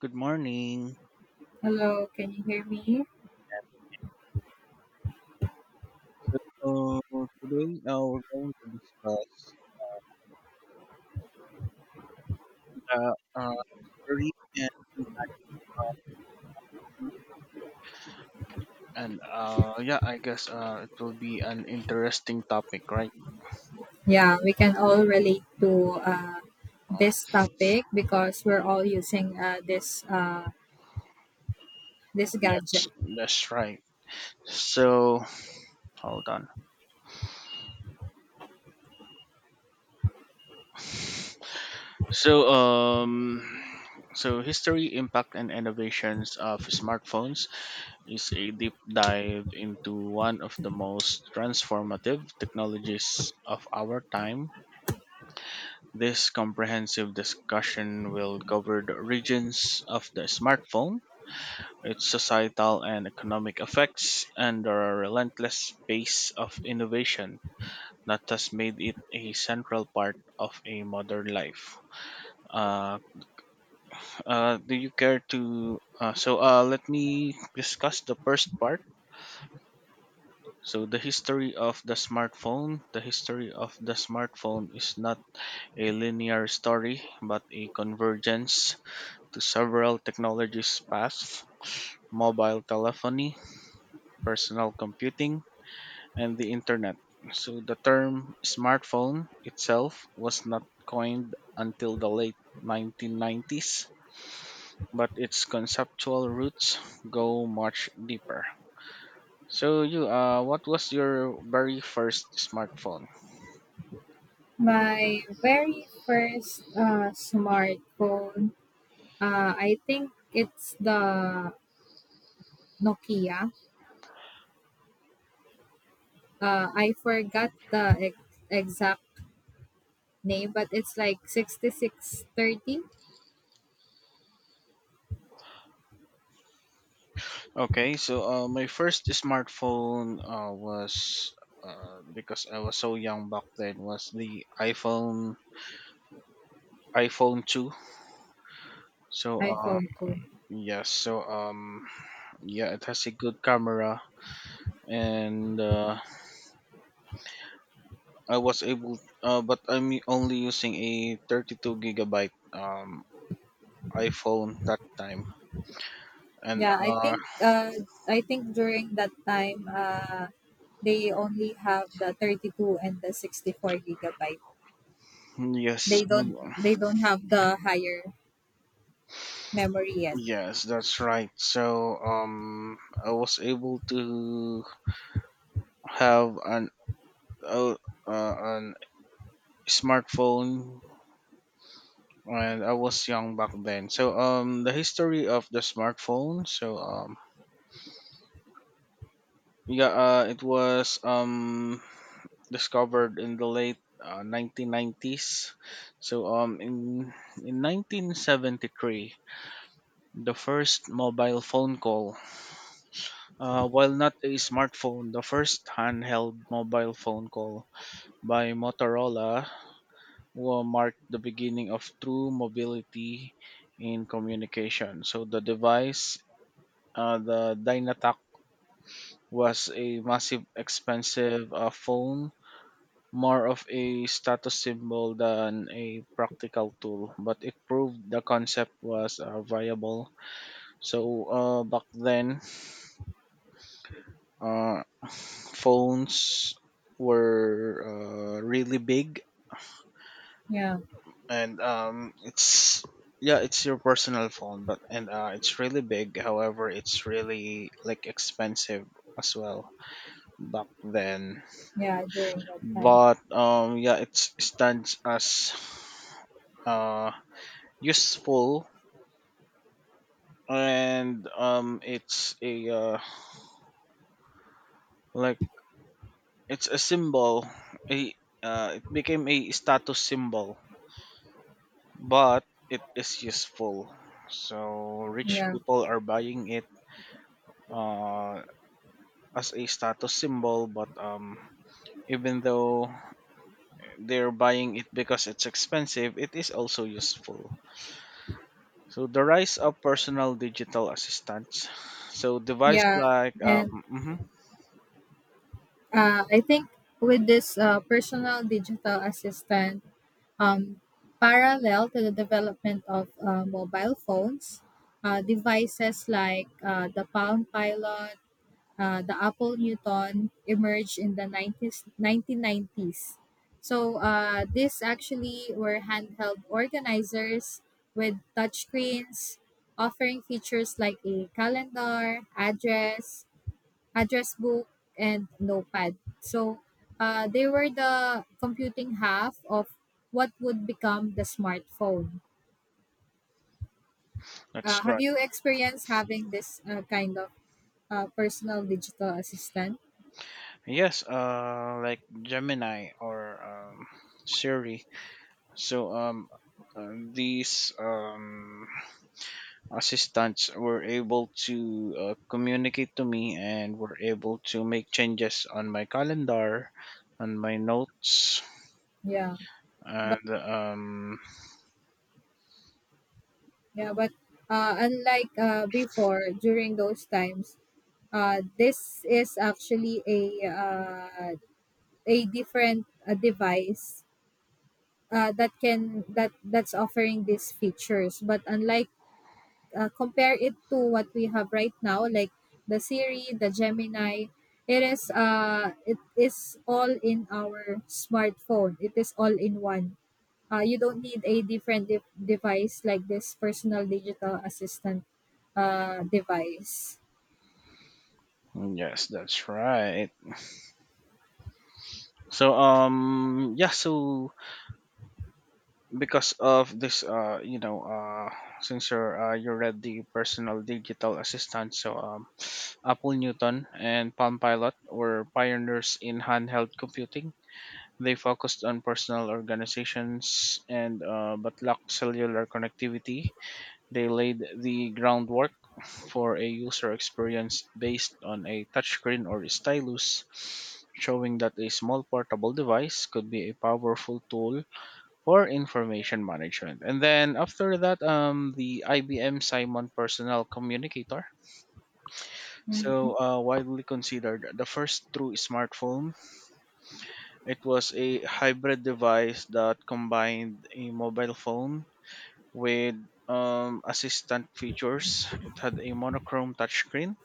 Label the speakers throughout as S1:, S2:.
S1: Good morning.
S2: Hello, can you hear me?
S1: So today we're going to discuss uh, the history and impact. And yeah, I guess it will be an interesting topic, right?
S2: Yeah, we can all relate to
S1: Uh,
S2: this topic because we're all using this this gadget.
S1: yes, that's right. So hold on. So um, so history, impact, and innovations of smartphones is a deep dive into one of the most transformative technologies of our time. This comprehensive discussion will cover the origins of the smartphone, its societal and economic effects, and the relentless pace of innovation that has made it a central part of a modern life. Uh, do you care to? So, let me discuss the first part. So, the history of the smartphone. The history of the smartphone is not a linear story, but a convergence to several technologies: paths, mobile telephony, personal computing, and the internet. So the term smartphone itself was not coined until the late 1990s, but its conceptual roots go much deeper. So you, what was your very first smartphone?
S2: My very first smartphone, I think it's the Nokia. I forgot the exact name, but it's like 6630.
S1: Okay, so my first smartphone was, because I was so young back then. Was the iPhone. iPhone 2. So,
S2: iPhone 2.
S1: yes, so yeah, it has a good camera and I was able, but I'm only using a 32 gigabyte iPhone that time. And
S2: Yeah, I think during that time, they only have the 32 and the 64 gigabyte.
S1: yes,
S2: They don't have the higher memory yet.
S1: yes, that's right. So I was able to have uh, an smartphone, and I was young back then. So the history of the smartphone, so yeah, it was discovered in the late 1990s. So in 1973, the first mobile phone call, while not a smartphone, the first handheld mobile phone call by Motorola will mark the beginning of true mobility in communication. So the device, the Dynatac, was a massive, expensive phone, more of a status symbol than a practical tool, but it proved the concept was viable. So back then, uh, phones were really big,
S2: Yeah,
S1: and it's, yeah, it's your personal phone, but and it's really big. However, it's really like expensive as well back then.
S2: yeah, during that time.
S1: But yeah, it stands as uh, useful, and it's a, like, it's a symbol. A It became a status symbol, but it is useful. So rich
S2: Yeah,
S1: people are buying it uh, as a status symbol, but even though they're buying it because it's expensive, it is also useful. So the rise of personal digital assistants. So device
S2: yeah,
S1: like
S2: and
S1: mhm,
S2: I think with this personal digital assistant, um, parallel to the development of mobile phones, devices like the Palm Pilot, the Apple Newton emerged in the 90s, 1990s. So these actually were handheld organizers with touchscreens, offering features like a calendar, address book, and notepad. So they were the computing half of what would become the smartphone.
S1: that's
S2: Have
S1: right.
S2: you experienced having this kind of personal digital assistant?
S1: Yes, like Gemini or Siri. So these assistants were able to communicate to me and were able to make changes on my calendar, on my notes,
S2: Yeah.
S1: and
S2: Yeah, but unlike before, during those times, this is actually a different device that can that that's offering these features. But unlike compare it to what we have right now, like the Siri, the Gemini, it is all in our smartphone. It is all in one. You don't need a different device like this personal digital assistant device.
S1: yes, that's right. So yeah. So because of this, since you read the personal digital assistant, so Apple Newton and Palm Pilot were pioneers in handheld computing. They focused on personal organizations, and but lacked cellular connectivity. They laid the groundwork for a user experience based on a touchscreen or stylus, showing that a small portable device could be a powerful tool for information management. And then after that, the IBM Simon Personal Communicator,
S2: Mhm.
S1: widely considered the first true smartphone. It was a hybrid device that combined a mobile phone with assistant features. It had a monochrome touchscreen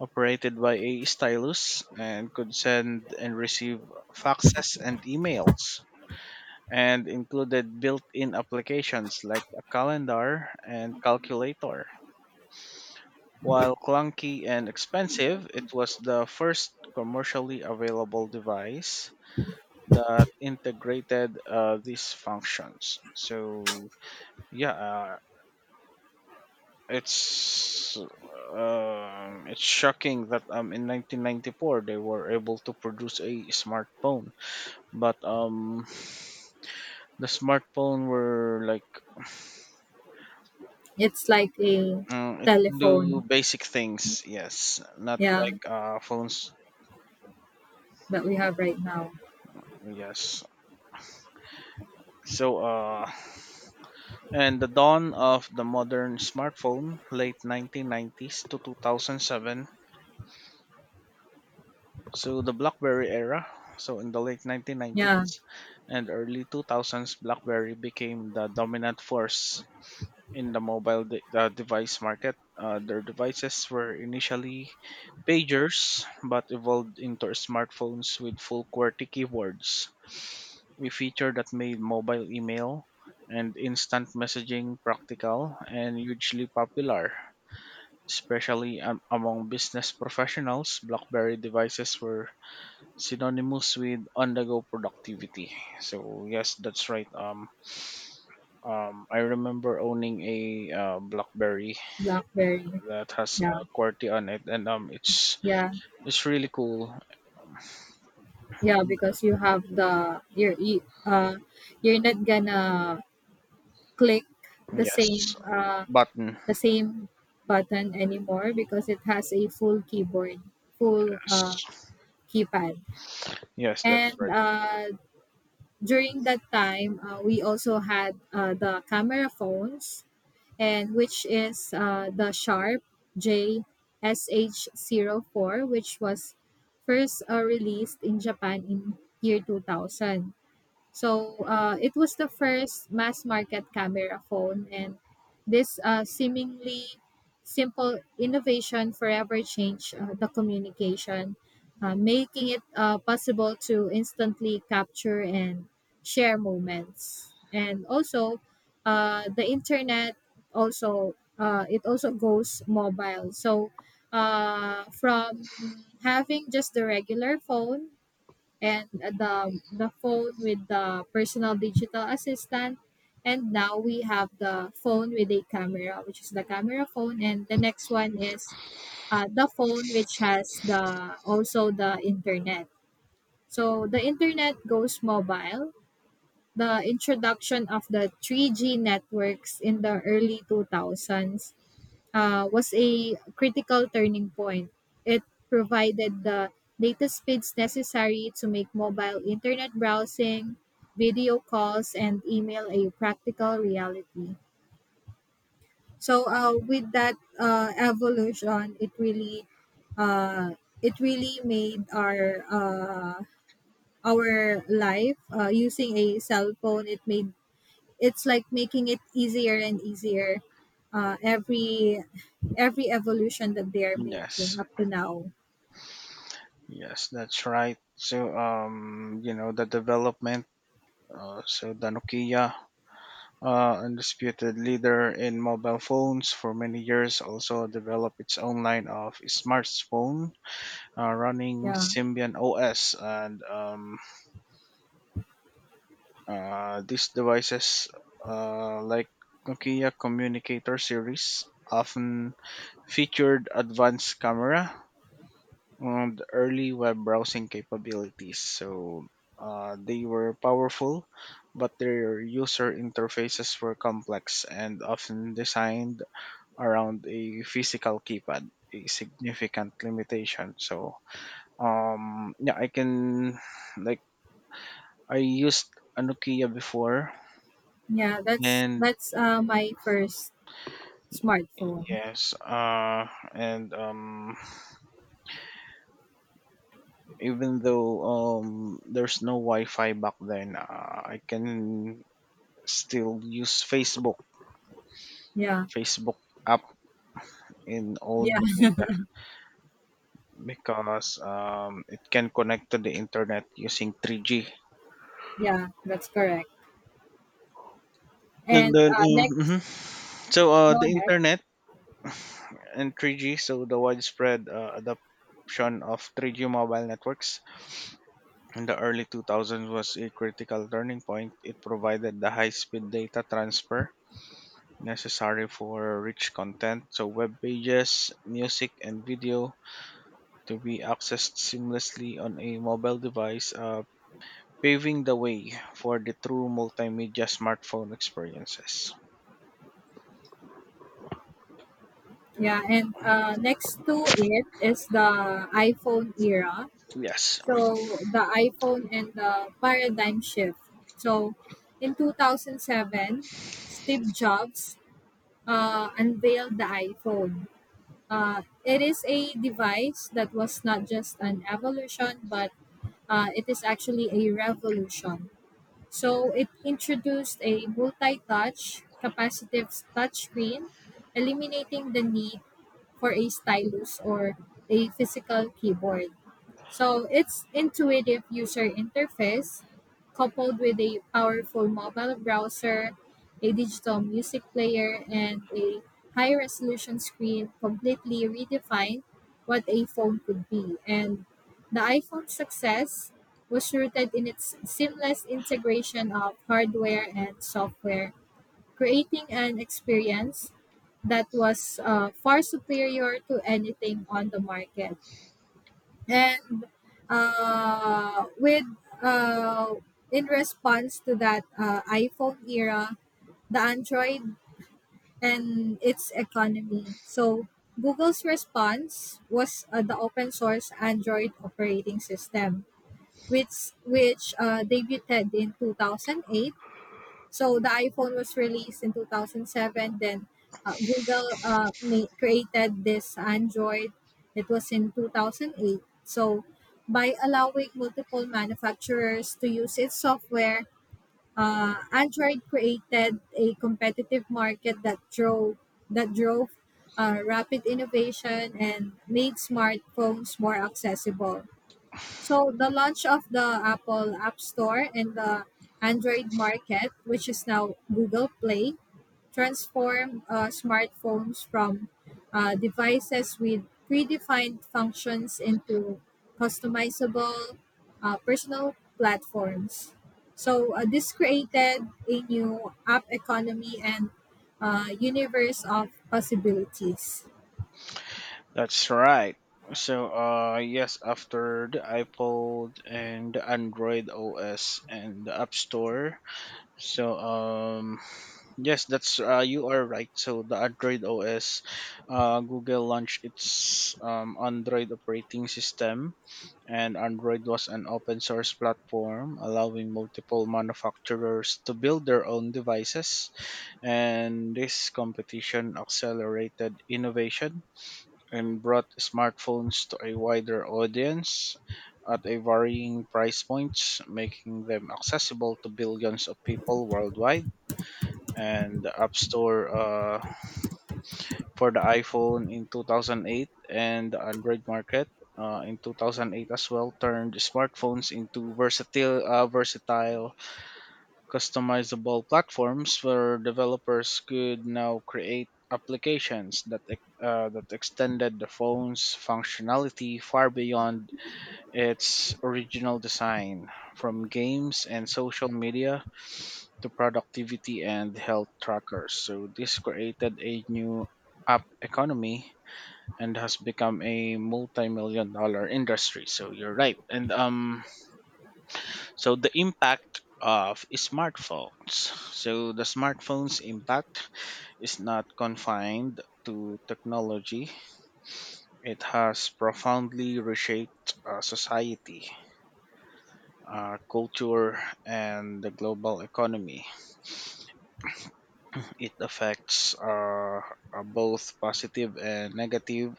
S1: operated by a stylus and could send and receive faxes and emails and included built-in applications like a calendar and calculator. While clunky and expensive, it was the first commercially available device that integrated these functions. So yeah, it's shocking that, in 1994 they were able to produce a smartphone, but the smartphone were like,
S2: It's like a
S1: it can do
S2: telephone,
S1: basic things. Yes, not
S2: yeah,
S1: like phones.
S2: that we have right now.
S1: Yes. So and the dawn of the modern smartphone, late 1990s to 2007. So the BlackBerry era, so in the late
S2: Yeah,
S1: 1990s and early 2000s, BlackBerry became the dominant force in the mobile device market. Their devices were initially pagers but evolved into smartphones with full QWERTY keyboards. A feature that made mobile email and instant messaging practical and hugely popular. Especially among business professionals, BlackBerry devices were synonymous with on-the-go productivity. So yes, that's right. I remember owning a, BlackBerry
S2: BlackBerry.
S1: that has a
S2: Yeah,
S1: QWERTY on it, and it's
S2: yeah,
S1: it's really cool.
S2: yeah. Because you have you're not gonna click the
S1: Yes,
S2: same uh
S1: button.
S2: the same button anymore because it has a full keyboard, full
S1: Yes,
S2: keypad,
S1: yes, that's
S2: and
S1: right.
S2: during that time we also had the camera phones, and which is the Sharp JSH 04, which was first released in Japan in year 2000. So it was the first mass market camera phone, and this seemingly simple innovation forever changed the communication, making it possible to instantly capture and share moments. And also, the internet also it also goes mobile. So from having just the regular phone and the phone with the personal digital assistant, and now we have the phone with a camera, which is the camera phone, and the next one is the phone which has the also the internet. So the internet goes mobile. The introduction of the 3G networks in the early 2000s was a critical turning point. It provided the data speeds necessary to make mobile internet browsing, video calls, and email a practical reality. So, with that evolution, uh, it really made our life using a cell phone. It made it's like making it easier and easier uh, every every evolution that they are
S1: Yes,
S2: making up to now.
S1: yes, that's right. So, the development, so the Nokia, undisputed leader in mobile phones for many years, also developed its own line of smartphone running
S2: Yeah,
S1: Symbian OS. And these devices, like Nokia Communicator series, often featured advanced camera and early web browsing capabilities. So they were powerful. But their user interfaces were complex and often designed around a physical keypad, a significant limitation. So yeah, I can like I used a Nokia before.
S2: yeah, that's
S1: And
S2: my first smartphone.
S1: yes, and even though there's no Wi-Fi back then, I can still use facebook
S2: Yeah.
S1: facebook app in old
S2: Yeah,
S1: Nokia because it can connect to the internet using 3G.
S2: yeah, that's correct.
S1: And
S2: And
S1: then
S2: next.
S1: mhm. So
S2: Go
S1: the
S2: ahead.
S1: internet and 3G, so the widespread adoption of 3G mobile networks in the early 2000s was a critical turning point. It provided the high-speed data transfer necessary for rich content, so web pages, music, and video to be accessed seamlessly on a mobile device, paving the way for the true multimedia smartphone experiences.
S2: Yeah, and next to it is the iPhone era.
S1: Yes.
S2: So the iPhone and the paradigm shift. So in 2007, Steve Jobs unveiled the iPhone. It is a device that was not just an evolution, but it is actually a revolution. So it introduced a multi touch, capacitive touchscreen, eliminating the need for a stylus or a physical keyboard. So its intuitive user interface, coupled with a powerful mobile browser, a digital music player, and a high resolution screen, completely redefined what a phone could be. And the iPhone's success was rooted in its seamless integration of hardware and software, creating an experience that was far superior to anything on the market. And with uh, in response to that iPhone era, the Android and its economy. So Google's response was the open source Android operating system, which debuted in 2008. So the iPhone was released in 2007. Then Google created this Android. It was in 2008. So by allowing multiple manufacturers to use its software, Android created a competitive market that drove rapid innovation and made smartphones more accessible. So the launch of the Apple App Store and the Android market, which is now Google Play, transformed smartphones from devices with predefined functions into customizable personal platforms. So this created a new app economy and universe of possibilities.
S1: That's right. So, yes, after the iPod and the Android OS and the App Store. So, yes, that's you are right. So, the Android OS, Google launched its Android operating system, and Android was an open source platform allowing multiple manufacturers to build their own devices. And this competition accelerated innovation and brought smartphones to a wider audience at a varying price points, making them accessible to billions of people worldwide. And the App Store, for the iPhone in 2008 and the Android market, in 2008 as well, turned smartphones into versatile, customizable platforms where developers could now create applications that extended the phone's functionality far beyond its original design, from games and social media to productivity and health trackers. So this created a new app economy and has become a multi-million dollar industry. So you're right. And so the impact of smartphones. So the smartphones impact is not confined to technology. It has profoundly reshaped society, culture, and the global economy. It affects, both positive and negative,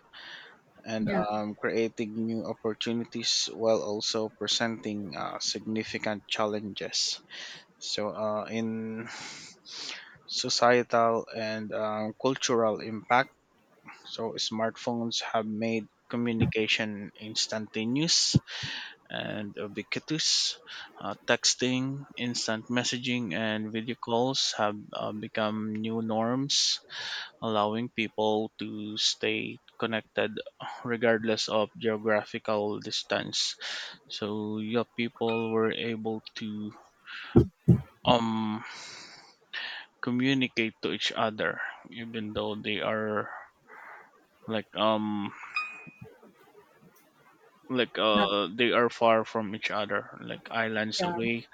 S1: and
S2: Yeah,
S1: creating new opportunities while also presenting significant challenges. So, in societal and cultural impact. So, smartphones have made communication instantaneous and ubiquitous. Texting, instant messaging, and video calls have become new norms, allowing people to stay connected regardless of geographical distance. So, your people were able to um communicate to each other, even though they are like um like
S2: not,
S1: uh they are far from each other, like islands
S2: yeah,
S1: away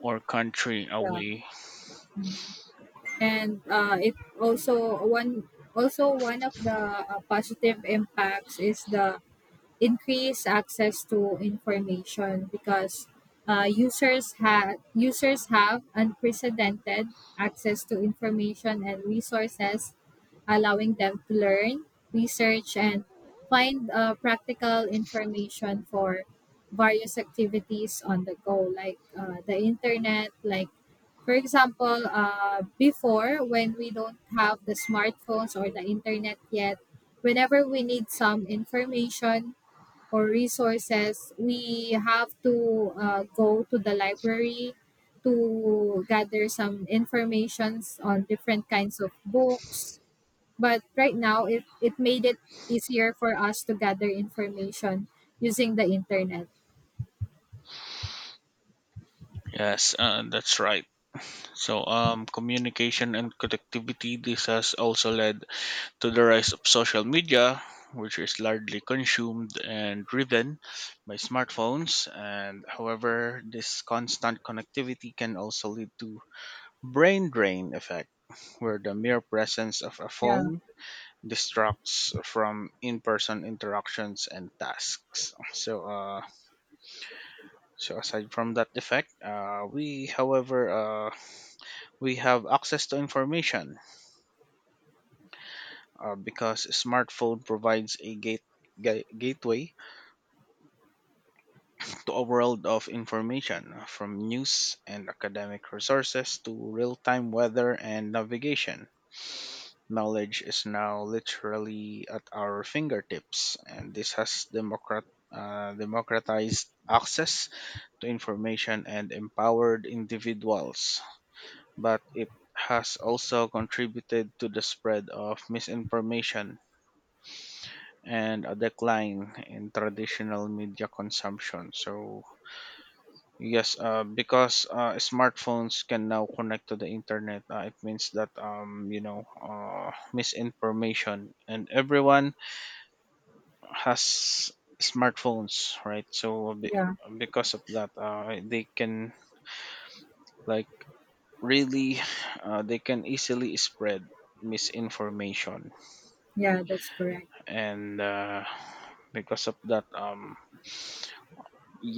S1: or country
S2: yeah.
S1: away.
S2: And it also one of the positive impacts is the increased access to information, because users have unprecedented access to information and resources, allowing them to learn, research, and find practical information for various activities on the go, like the internet. Like, for example, before when we don't have the smartphones or the internet yet, whenever we need some information or resources, we have to go to the library to gather some informations on different kinds of books. But right now, it made it easier for us to gather information using the internet.
S1: Yes, that's right. So communication and connectivity, this has also led to the rise of social media, which is largely consumed and driven by smartphones. And however, this constant connectivity can also lead to brain drain effect where the mere presence of a
S2: Yeah,
S1: phone distracts from in-person interactions and tasks. So, aside from that effect, we, however, we have access to information, because smartphone provides a gate. Gateway to a world of information, from news and academic resources to real time weather and navigation. Knowledge is now literally at our fingertips, and this has democratized access to information and empowered individuals, but it has also contributed to the spread of misinformation and a decline in traditional media consumption. So, yes, because smartphones can now connect to the internet, it means that, misinformation, and everyone has smartphones, right? So,
S2: yeah,
S1: because of that, like really they can easily spread misinformation.
S2: yeah, that's correct.
S1: And because of that,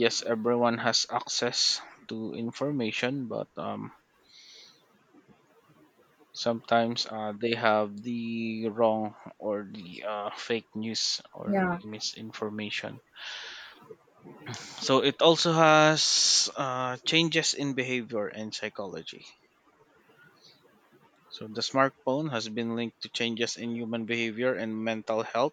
S1: yes, everyone has access to information, but sometimes they have the wrong, or the, fake news, or
S2: Yeah,
S1: misinformation. So it also has changes in behavior and psychology. So the smartphone has been linked to changes in human behavior and mental health.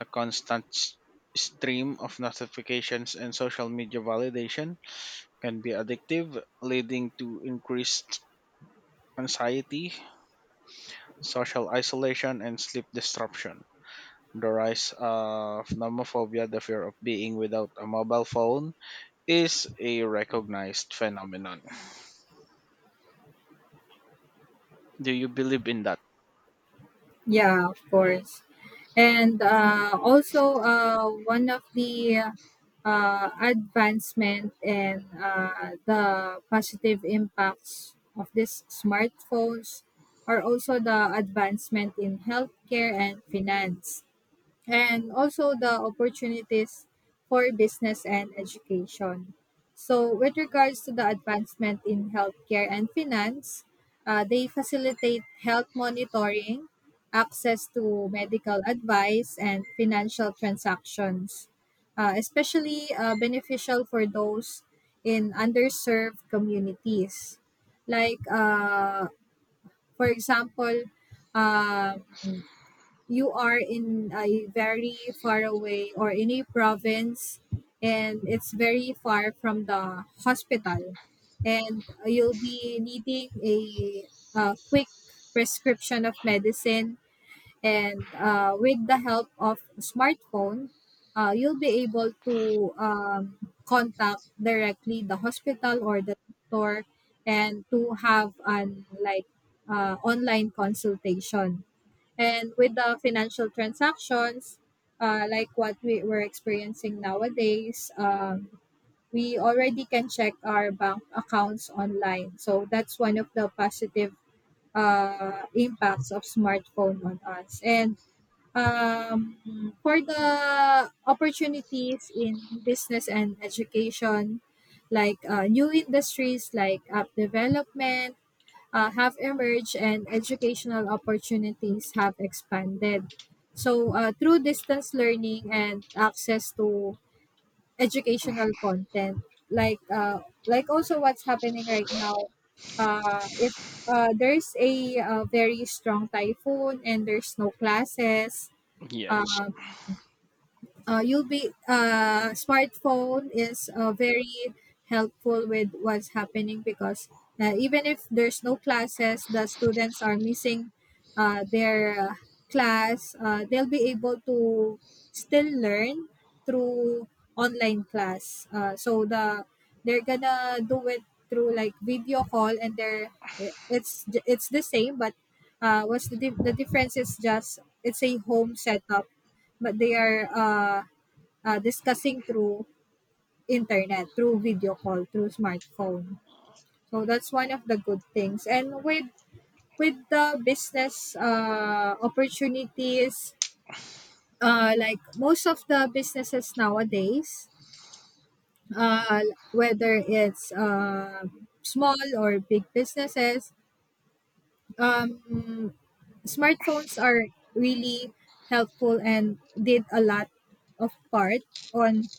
S1: The constant stream of notifications and social media validation can be addictive, leading to increased anxiety, social isolation, and sleep disruption. The rise of nomophobia, the fear of being without a mobile phone, is a recognized phenomenon. Do you believe in that?
S2: yeah, of course. And also, one of the advancement and the positive impacts of these smartphones are also the advancement in healthcare and finance, and also the opportunities for business and education. So, with regards to the advancement in healthcare and finance, they facilitate health monitoring, access to medical advice, and financial transactions, especially beneficial for those in underserved communities. Like, for example, um, you are in a very far away or in a province and it's very far from the hospital, and you'll be needing a quick prescription of medicine, and with the help of smartphone, you'll be able to contact directly the hospital or the doctor and to have an like online consultation. And with the financial transactions, like what we were experiencing nowadays, we already can check our bank accounts online. So that's one of the positive impacts of smartphone on us. And for the opportunities in business and education, like new industries like app development, have emerged, and educational opportunities have expanded. So, through distance learning and access to educational content, like uh, like also what's happening right now, if there's a very strong typhoon and there's no classes,
S1: Yes.
S2: uh, you'll be smartphone is very helpful with what's happening, because even if there's no classes, the students are missing their class, they'll be able to still learn through online class. So the they're gonna do it through like video call, and they're it's the same, but what's the, the difference is just it's a home setup, but they are discussing through internet, through video call, through smartphone. So that's one of the good things. And with the business opportunities, like most of the businesses nowadays, uh, whether it's small or big businesses, um, smartphones are really helpful and did a lot of part on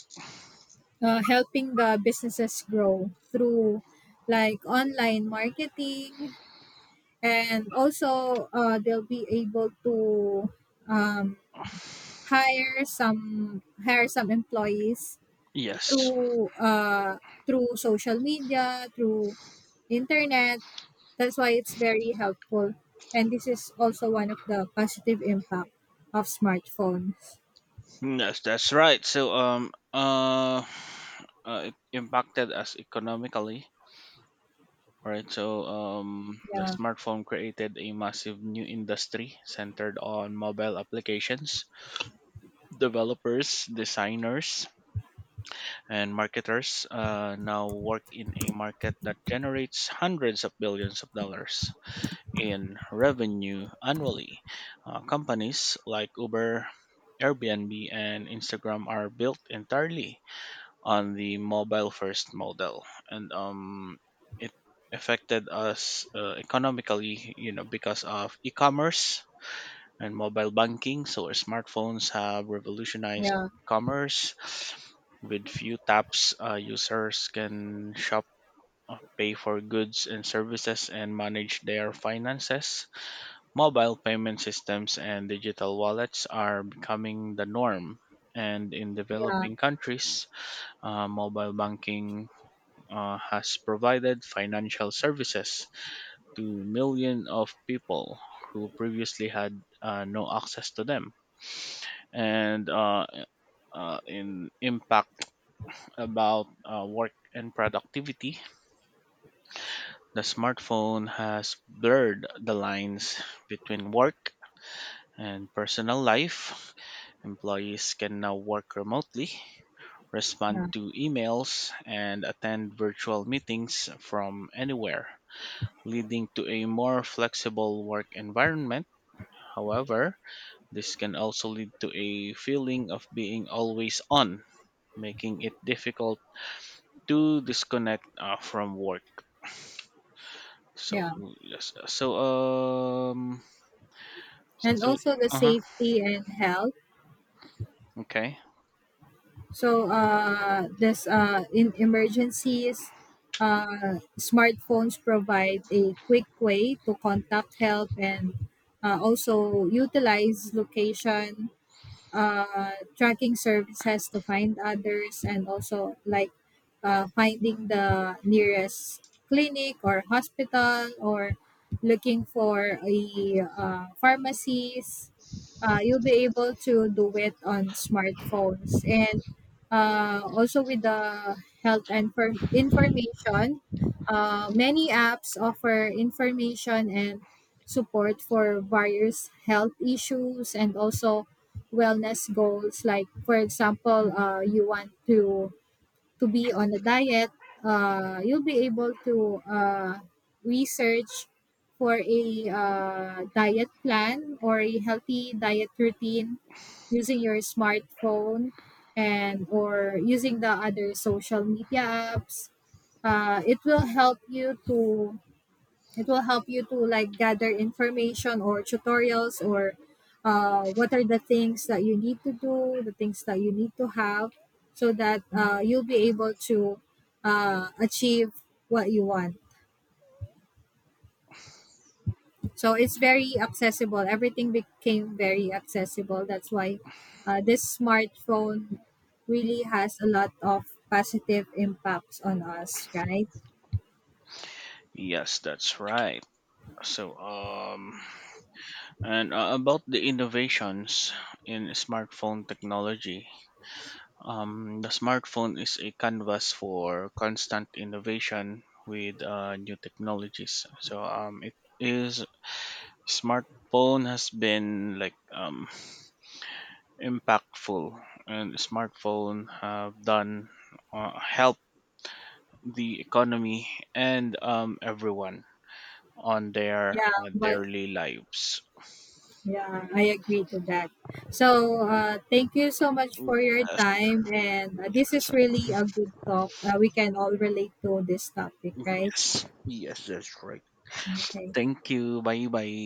S2: helping the businesses grow through like online marketing. And also they'll be able to um, hire some employees
S1: Yes.
S2: through through social media, through internet. That's why it's very helpful, and this is also one of the positive impact of smartphones.
S1: Yes, that's right. So it impacted us economically. All right, so the
S2: Yeah,
S1: smartphone created a massive new industry centered on mobile applications. Developers, designers, and marketers now work in a market that generates hundreds of billions of dollars in revenue annually. Companies like Uber, Airbnb, and Instagram are built entirely on the mobile first model. And it affected us economically, because of e-commerce and mobile banking, so our smartphones have revolutionized
S2: yeah,
S1: commerce. With few taps, users can shop, pay for goods and services, and manage their finances. Mobile payment systems and digital wallets are becoming the norm, and in
S2: yeah,
S1: developing countries, mobile banking has provided financial services to millions of people who previously had, no access to them. And in impact about work and productivity, the smartphone has blurred the lines between work and personal life. Employees can now work remotely, respond
S2: yeah,
S1: to emails, and attend virtual meetings from anywhere, leading to a more flexible work environment. However, this can also lead to a feeling of being always on, making it difficult to disconnect from work. So,
S2: yeah.
S1: yes, so um,
S2: And
S1: so
S2: also the
S1: uh huh,
S2: safety and health.
S1: okay,
S2: So this in emergencies, smartphones provide a quick way to contact help, and also utilize location tracking services to find others, and also like finding the nearest clinic or hospital, or looking for a pharmacies. You'll be able to do it on smartphones. And also with the health and for information, many apps offer information and support for various health issues and also wellness goals. Like for example, you want to be on a diet, you'll be able to research for a diet plan or a healthy diet routine using your smartphone, and or using the other social media apps. It will help you to like gather information or tutorials, or what are the things that you need to do, the things that you need to have, so that you'll be able to achieve what you want. So it's very accessible, everything became very accessible. That's why this smartphone really has a lot of positive impacts on us, right?
S1: yes, that's right. So and about the innovations in smartphone technology, the smartphone is a canvas for constant innovation with new technologies. So it is smartphone has been like, impactful, and smartphone have done, help the economy, and everyone on their
S2: yeah but
S1: daily lives.
S2: Yeah, I agree to that. So, thank you so much for your
S1: Yes,
S2: time. And this
S1: yes,
S2: is really a good talk. We can all relate to this topic, right?
S1: yes, yes. That's right.
S2: Okay.
S1: Thank you. Bye, bye.